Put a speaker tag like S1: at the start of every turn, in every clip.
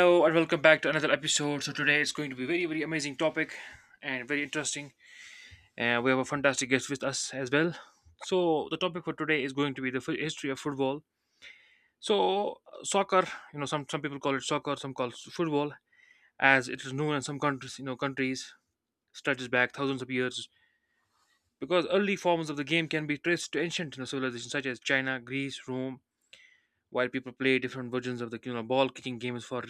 S1: Hello and welcome back to another episode. So today it's going to be very very amazing topic and very interesting. And we have a fantastic guest with us as well. So the topic for today is going to be the history of football. So soccer, some people call it soccer, some call it football, as it is known in some countries stretches back thousands of years, because early forms of the game can be traced to ancient civilizations such as China, Greece, Rome. While people play different versions of the ball kicking games for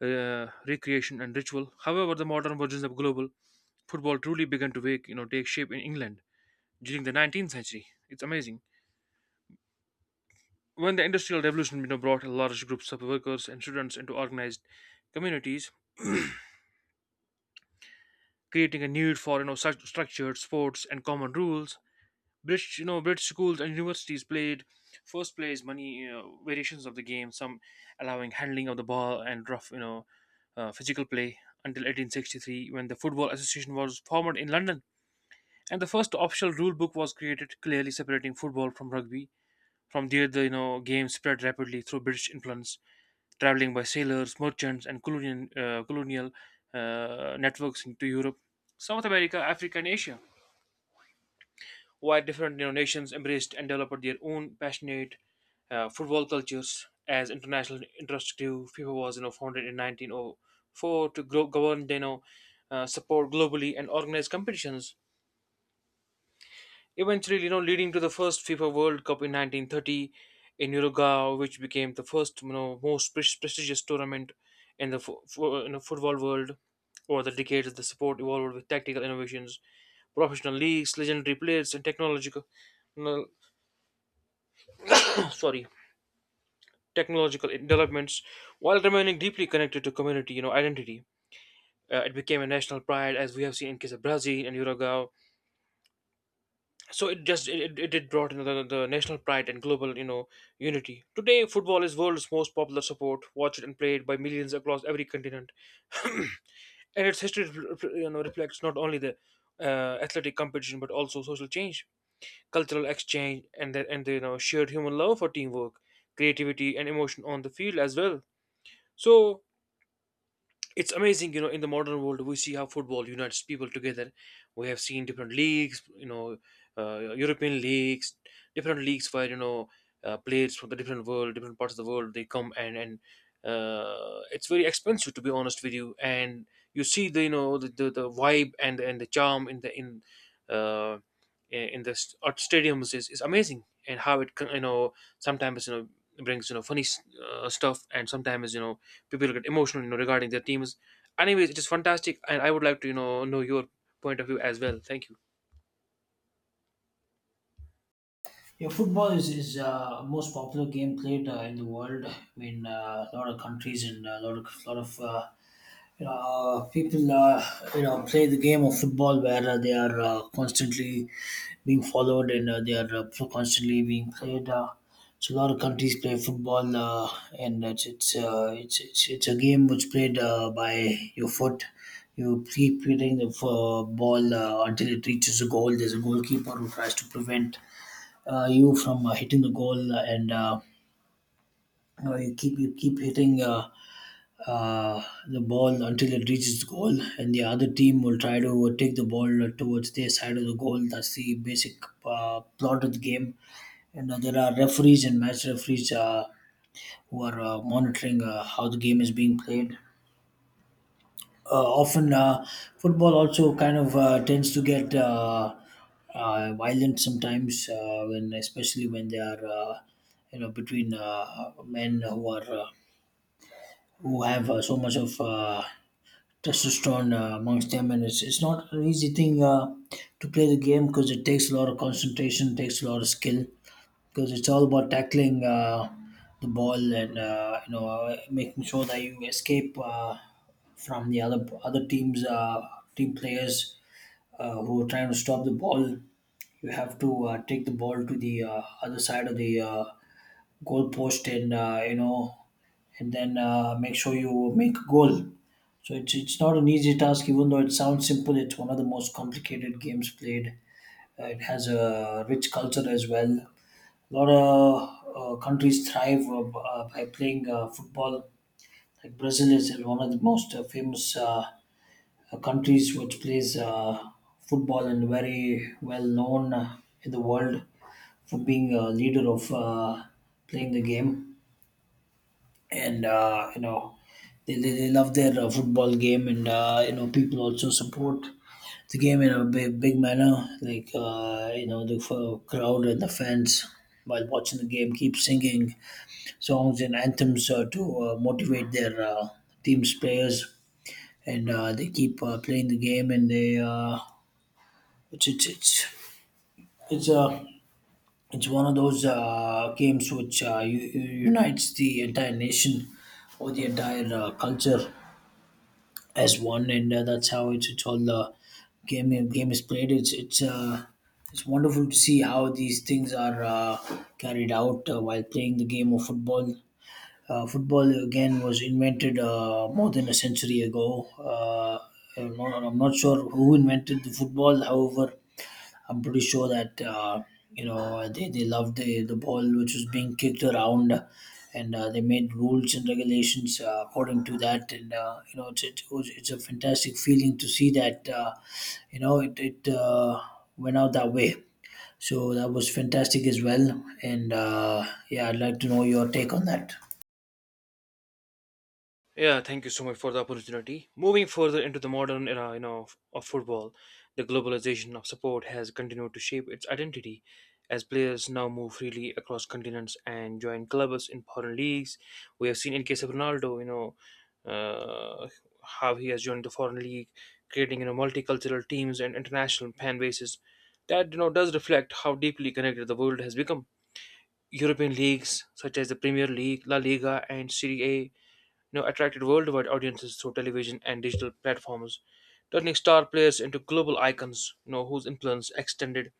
S1: recreation and ritual. However, the modern versions are global. Football truly began to take shape in England during the 19th century. It's amazing. When the Industrial Revolution brought large groups of workers and students into organized communities, creating a need for such structured sports and common rules. British schools and universities played first plays many variations of the game, some allowing handling of the ball and rough, physical play until 1863 when the Football Association was formed in London. And the first official rule book was created, clearly separating football from rugby. From there, the game spread rapidly through British influence, traveling by sailors, merchants, and colonial networks into Europe, South America, Africa, and Asia. While different nations embraced and developed their own passionate football cultures, as international interest grew, FIFA was founded in 1904 to govern support globally and organize competitions. Eventually, leading to the first FIFA World Cup in 1930 in Uruguay, which became the first, most prestigious tournament in the football world. Over the decades, the sport evolved with tactical innovations, professional leagues, legendary players, and technological, no, sorry, technological developments, while remaining deeply connected to community, identity. It became a national pride, as we have seen in case of Brazil and Uruguay, so it just it, it it brought in the national pride and global unity. Today football is world's most popular sport, watched and played by millions across every continent. And its history reflects not only the athletic competition but also social change, cultural exchange, and and the shared human love for teamwork, creativity, and emotion on the field as well. So it's amazing, in the modern world we see how football unites people together. We have seen different leagues, European leagues, different leagues where players from the different world different parts of the world they come, and it's very expensive to be honest with you. And you see the, the vibe and the charm uh, in the st- at stadiums is amazing, and how it sometimes brings funny stuff, and sometimes people get emotional, regarding their teams. Anyways, it is fantastic, and I would like to know your point of view as well. Thank you.
S2: Yeah, football is most popular game played in the world. I mean, a lot of countries and a lot of people play the game of football where they are constantly being followed and they are constantly being played. So a lot of countries play football, and it's a game which played by your foot. You keep hitting the ball until it reaches a goal. There's a goalkeeper who tries to prevent you from hitting the goal, and you keep hitting uh, the ball until it reaches the goal, and the other team will try to take the ball towards their side of the goal. That's the basic plot of the game, and there are referees and match referees who are monitoring how the game is being played. uh, Often football also kind of tends to get violent sometimes when especially when they are between men who are who have so much of testosterone amongst them, and it's not an easy thing to play the game, because it takes a lot of concentration, takes a lot of skill, because it's all about tackling the ball and making sure that you escape from the other teams team players who are trying to stop the ball. You have to take the ball to the other side of the goal post and and then make sure you make a goal. So it's not an easy task, even though it sounds simple. It's one of the most complicated games played. It has a rich culture as well. A lot of countries thrive by playing football. Like Brazil is one of the most famous countries which plays football, and very well known in the world for being a leader of playing the game. And they love their football game, and people also support the game in a big, big manner. Like the crowd and the fans while watching the game keep singing songs and anthems to motivate their team's players, and they keep playing the game. And they it's it's it's it's uh, it's one of those games which unites the entire nation or the entire culture as one, and that's how it's all the game is played. It's wonderful to see how these things are carried out while playing the game of football. Football again was invented more than a century ago. I'm not sure who invented the football. However, I'm pretty sure that they loved the ball which was being kicked around, and they made rules and regulations according to that. And it's a fantastic feeling to see that it went out that way. So that was fantastic as well. And yeah, I'd like to know your take on that.
S1: Yeah, thank you so much for the opportunity. Moving further into the modern era, of football, the globalization of support has continued to shape its identity, as players now move freely across continents and join clubs in foreign leagues. We have seen in case of Ronaldo, uh, how he has joined the foreign league, creating multicultural teams and international fan bases. That does reflect how deeply connected the world has become. European leagues such as the Premier League, La Liga, and Serie A attracted worldwide audiences through television and digital platforms, turning star players into global icons, whose influence extended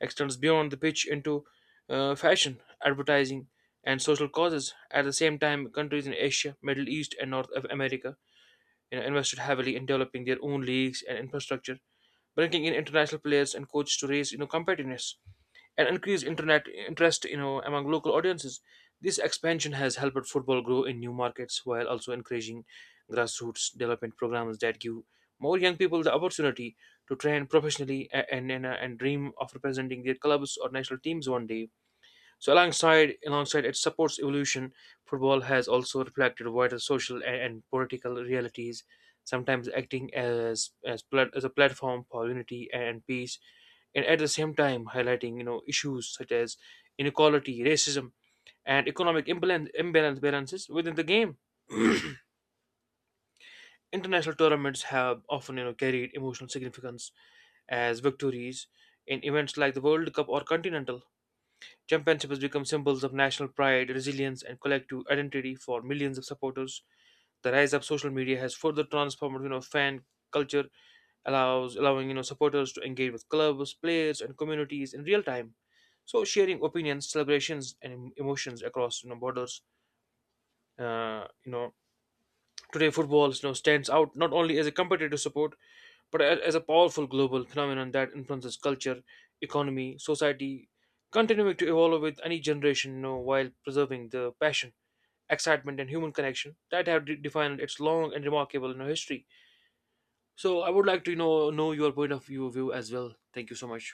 S1: extends beyond the pitch into fashion, advertising, and social causes. At the same time, countries in Asia, Middle East, and North of America invested heavily in developing their own leagues and infrastructure, bringing in international players and coaches to raise competitiveness and increased internet interest among local audiences. This expansion has helped football grow in new markets, while also encouraging grassroots development programs that give more young people the opportunity to train professionally and dream of representing their clubs or national teams one day. So alongside its supports evolution, football has also reflected wider social and political realities, sometimes acting as a platform for unity and peace, and at the same time highlighting issues such as inequality, racism, and economic imbalance balances within the game. International tournaments have often carried emotional significance, as victories in events like the World Cup or Continental Championships become symbols of national pride, resilience, and collective identity for millions of supporters. The rise of social media has further transformed fan culture, allows allowing supporters to engage with clubs, players, and communities in real time. So sharing opinions, celebrations, and emotions across borders. Uh, you know, Today football stands out not only as a competitive sport but as a powerful global phenomenon that influences culture, economy, society, continuing to evolve with any generation, while preserving the passion, excitement, and human connection that have defined its long and remarkable, you know, history. So I would like to know your point of view as well. Thank you so much.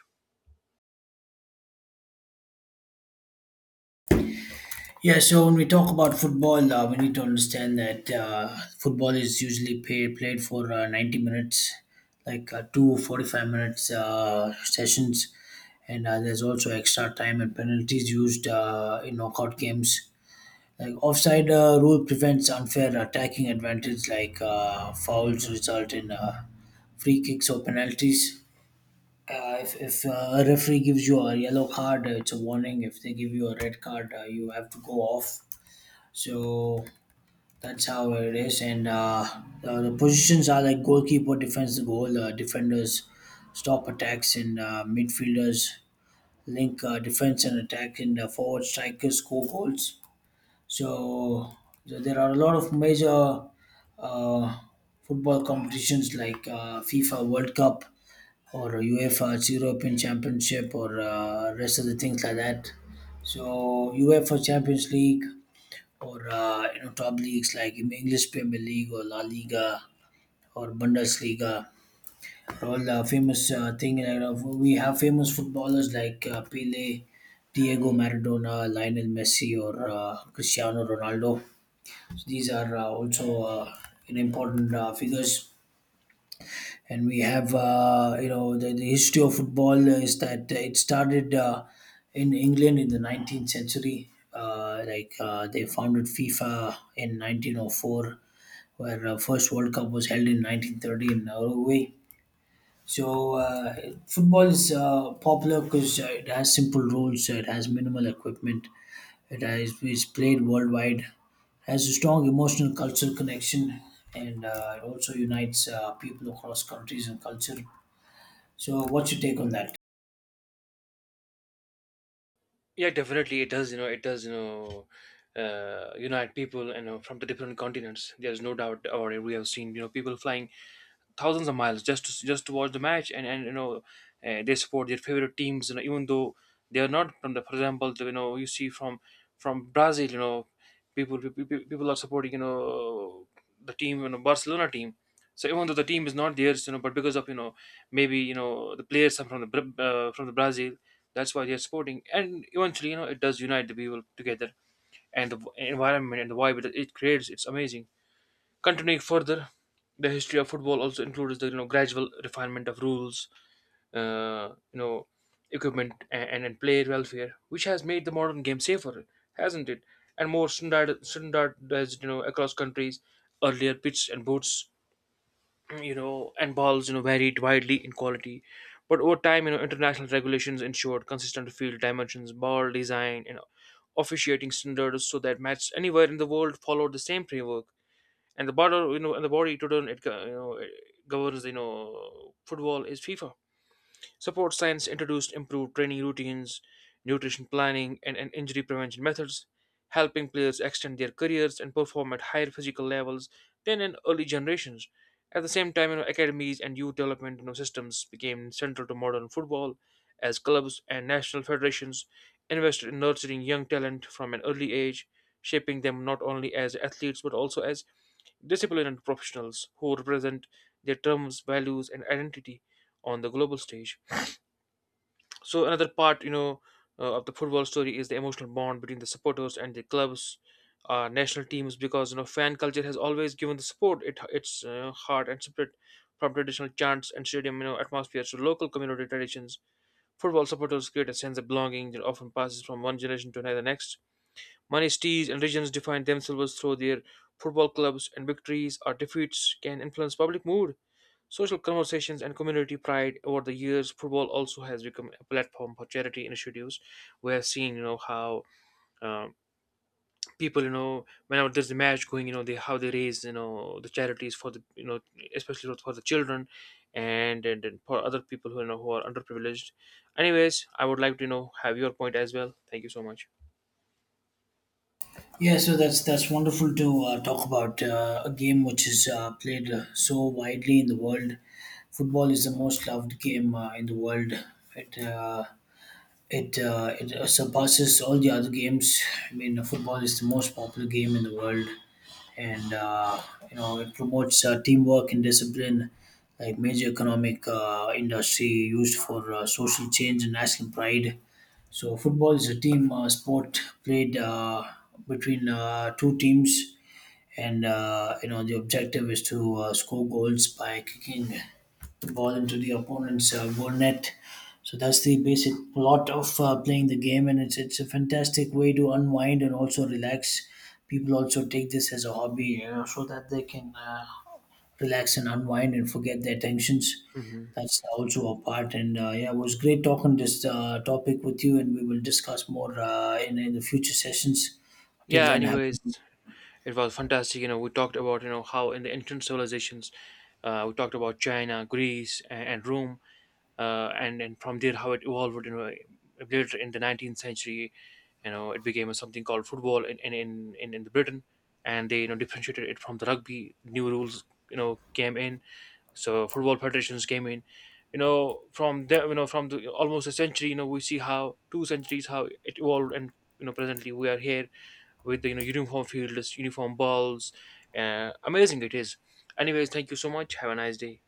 S2: Yeah, so when we talk about football, we need to understand that football is usually played for 90 minutes, like two 45 minutes sessions. And there's also extra time and penalties used in knockout games. Like offside rule prevents unfair attacking advantage, like fouls result in free kicks or penalties. If a referee gives you a yellow card, it's a warning. If they give you a red card, you have to go off. So that's how it is. And the positions are like goalkeeper defends the goal, defenders stop attacks, and midfielders link defense and attack, and forward strikers score goals. So, so there are a lot of major uh, football competitions like FIFA World Cup or UEFA's European Championship or rest of the things like that. So UEFA Champions League or top leagues like English Premier League or La Liga or Bundesliga, all famous thing. We have famous footballers like Pele, Diego Maradona, Lionel Messi, or Cristiano Ronaldo. So these are also important figures. And we have, the history of football is that it started in England in the 19th century. Like they founded FIFA in 1904, where first World Cup was held in 1930 in Uruguay. So football is popular because it has simple rules, it has minimal equipment, it's played worldwide, has a strong emotional cultural connection, and it also unites people across countries and culture. So, what's your take on that?
S1: Yeah, definitely it does. You know, it does. Unite people, from the different continents. There's no doubt, or we have seen, people flying thousands of miles just to watch the match. And they support their favorite teams, even though they are not from, the for example the, you know you see from Brazil. People are supporting, the team, Barcelona team. So even though the team is not theirs, but because of, maybe, the players are from from the Brazil, that's why they are supporting, and eventually, it does unite the people together. And the environment and the vibe that it creates, it's amazing. Continuing further, the history of football also includes the gradual refinement of rules, uh, you know, equipment, and player welfare, which has made the modern game safer, hasn't it? And more standardized, across countries. Earlier, pitches and boots, and balls, varied widely in quality, but over time, international regulations ensured consistent field dimensions, ball design, and officiating standards, so that matches anywhere in the world followed the same framework. And the body to turn it go- you know it governs football is FIFA. Support science introduced improved training routines, nutrition planning, and injury prevention methods, helping players extend their careers and perform at higher physical levels than in early generations. At the same time, academies and youth development systems became central to modern football, as clubs and national federations invested in nurturing young talent from an early age, shaping them not only as athletes but also as disciplined professionals who represent their terms, values, and identity on the global stage. So another part, of the football story is the emotional bond between the supporters and the clubs, national teams, because fan culture has always given the support its heart and spirit, from traditional chants and stadium atmospheres to local community traditions. Football supporters create a sense of belonging that often passes from one generation to another next. Many cities and regions define themselves through their football clubs, and victories or defeats can influence public mood, social conversations, and community pride. Over the years, football also has become a platform for charity initiatives. We have seen, how um, people, whenever there's a match going, they how they raise, the charities for especially for the children, and for other people who you know who are underprivileged. Anyways, I would like to have your point as well. Thank you so much.
S2: Yeah, so that's wonderful to talk about a game which is played so widely in the world. Football is the most loved game in the world. It uh, it surpasses all the other games. I mean, football is the most popular game in the world, and it promotes teamwork and discipline, like major economic industry used for social change and national pride. So football is a team sport played between two teams, and the objective is to score goals by kicking the ball into the opponent's goal net. So that's the basic plot of playing the game, and it's a fantastic way to unwind and also relax. People also take this as a hobby, so that they can relax and unwind and forget their tensions.
S1: Hmm.
S2: That's also a part, and yeah, it was great talking this topic with you, and we will discuss more in the future sessions. Till
S1: Yeah.
S2: then,
S1: Anyways,
S2: have
S1: it was fantastic. We talked about how in the ancient civilizations, we talked about China, Greece, and Rome, and from there how it evolved. Later in the 19th century, it became something called football in the Britain, and they differentiated it from the rugby. New rules came in, so football federations came in. From there, from almost a century, we see how two centuries how it evolved, and presently we are here with the uniform fields, uniform balls. Amazing it is. Anyways, thank you so much. Have a nice day.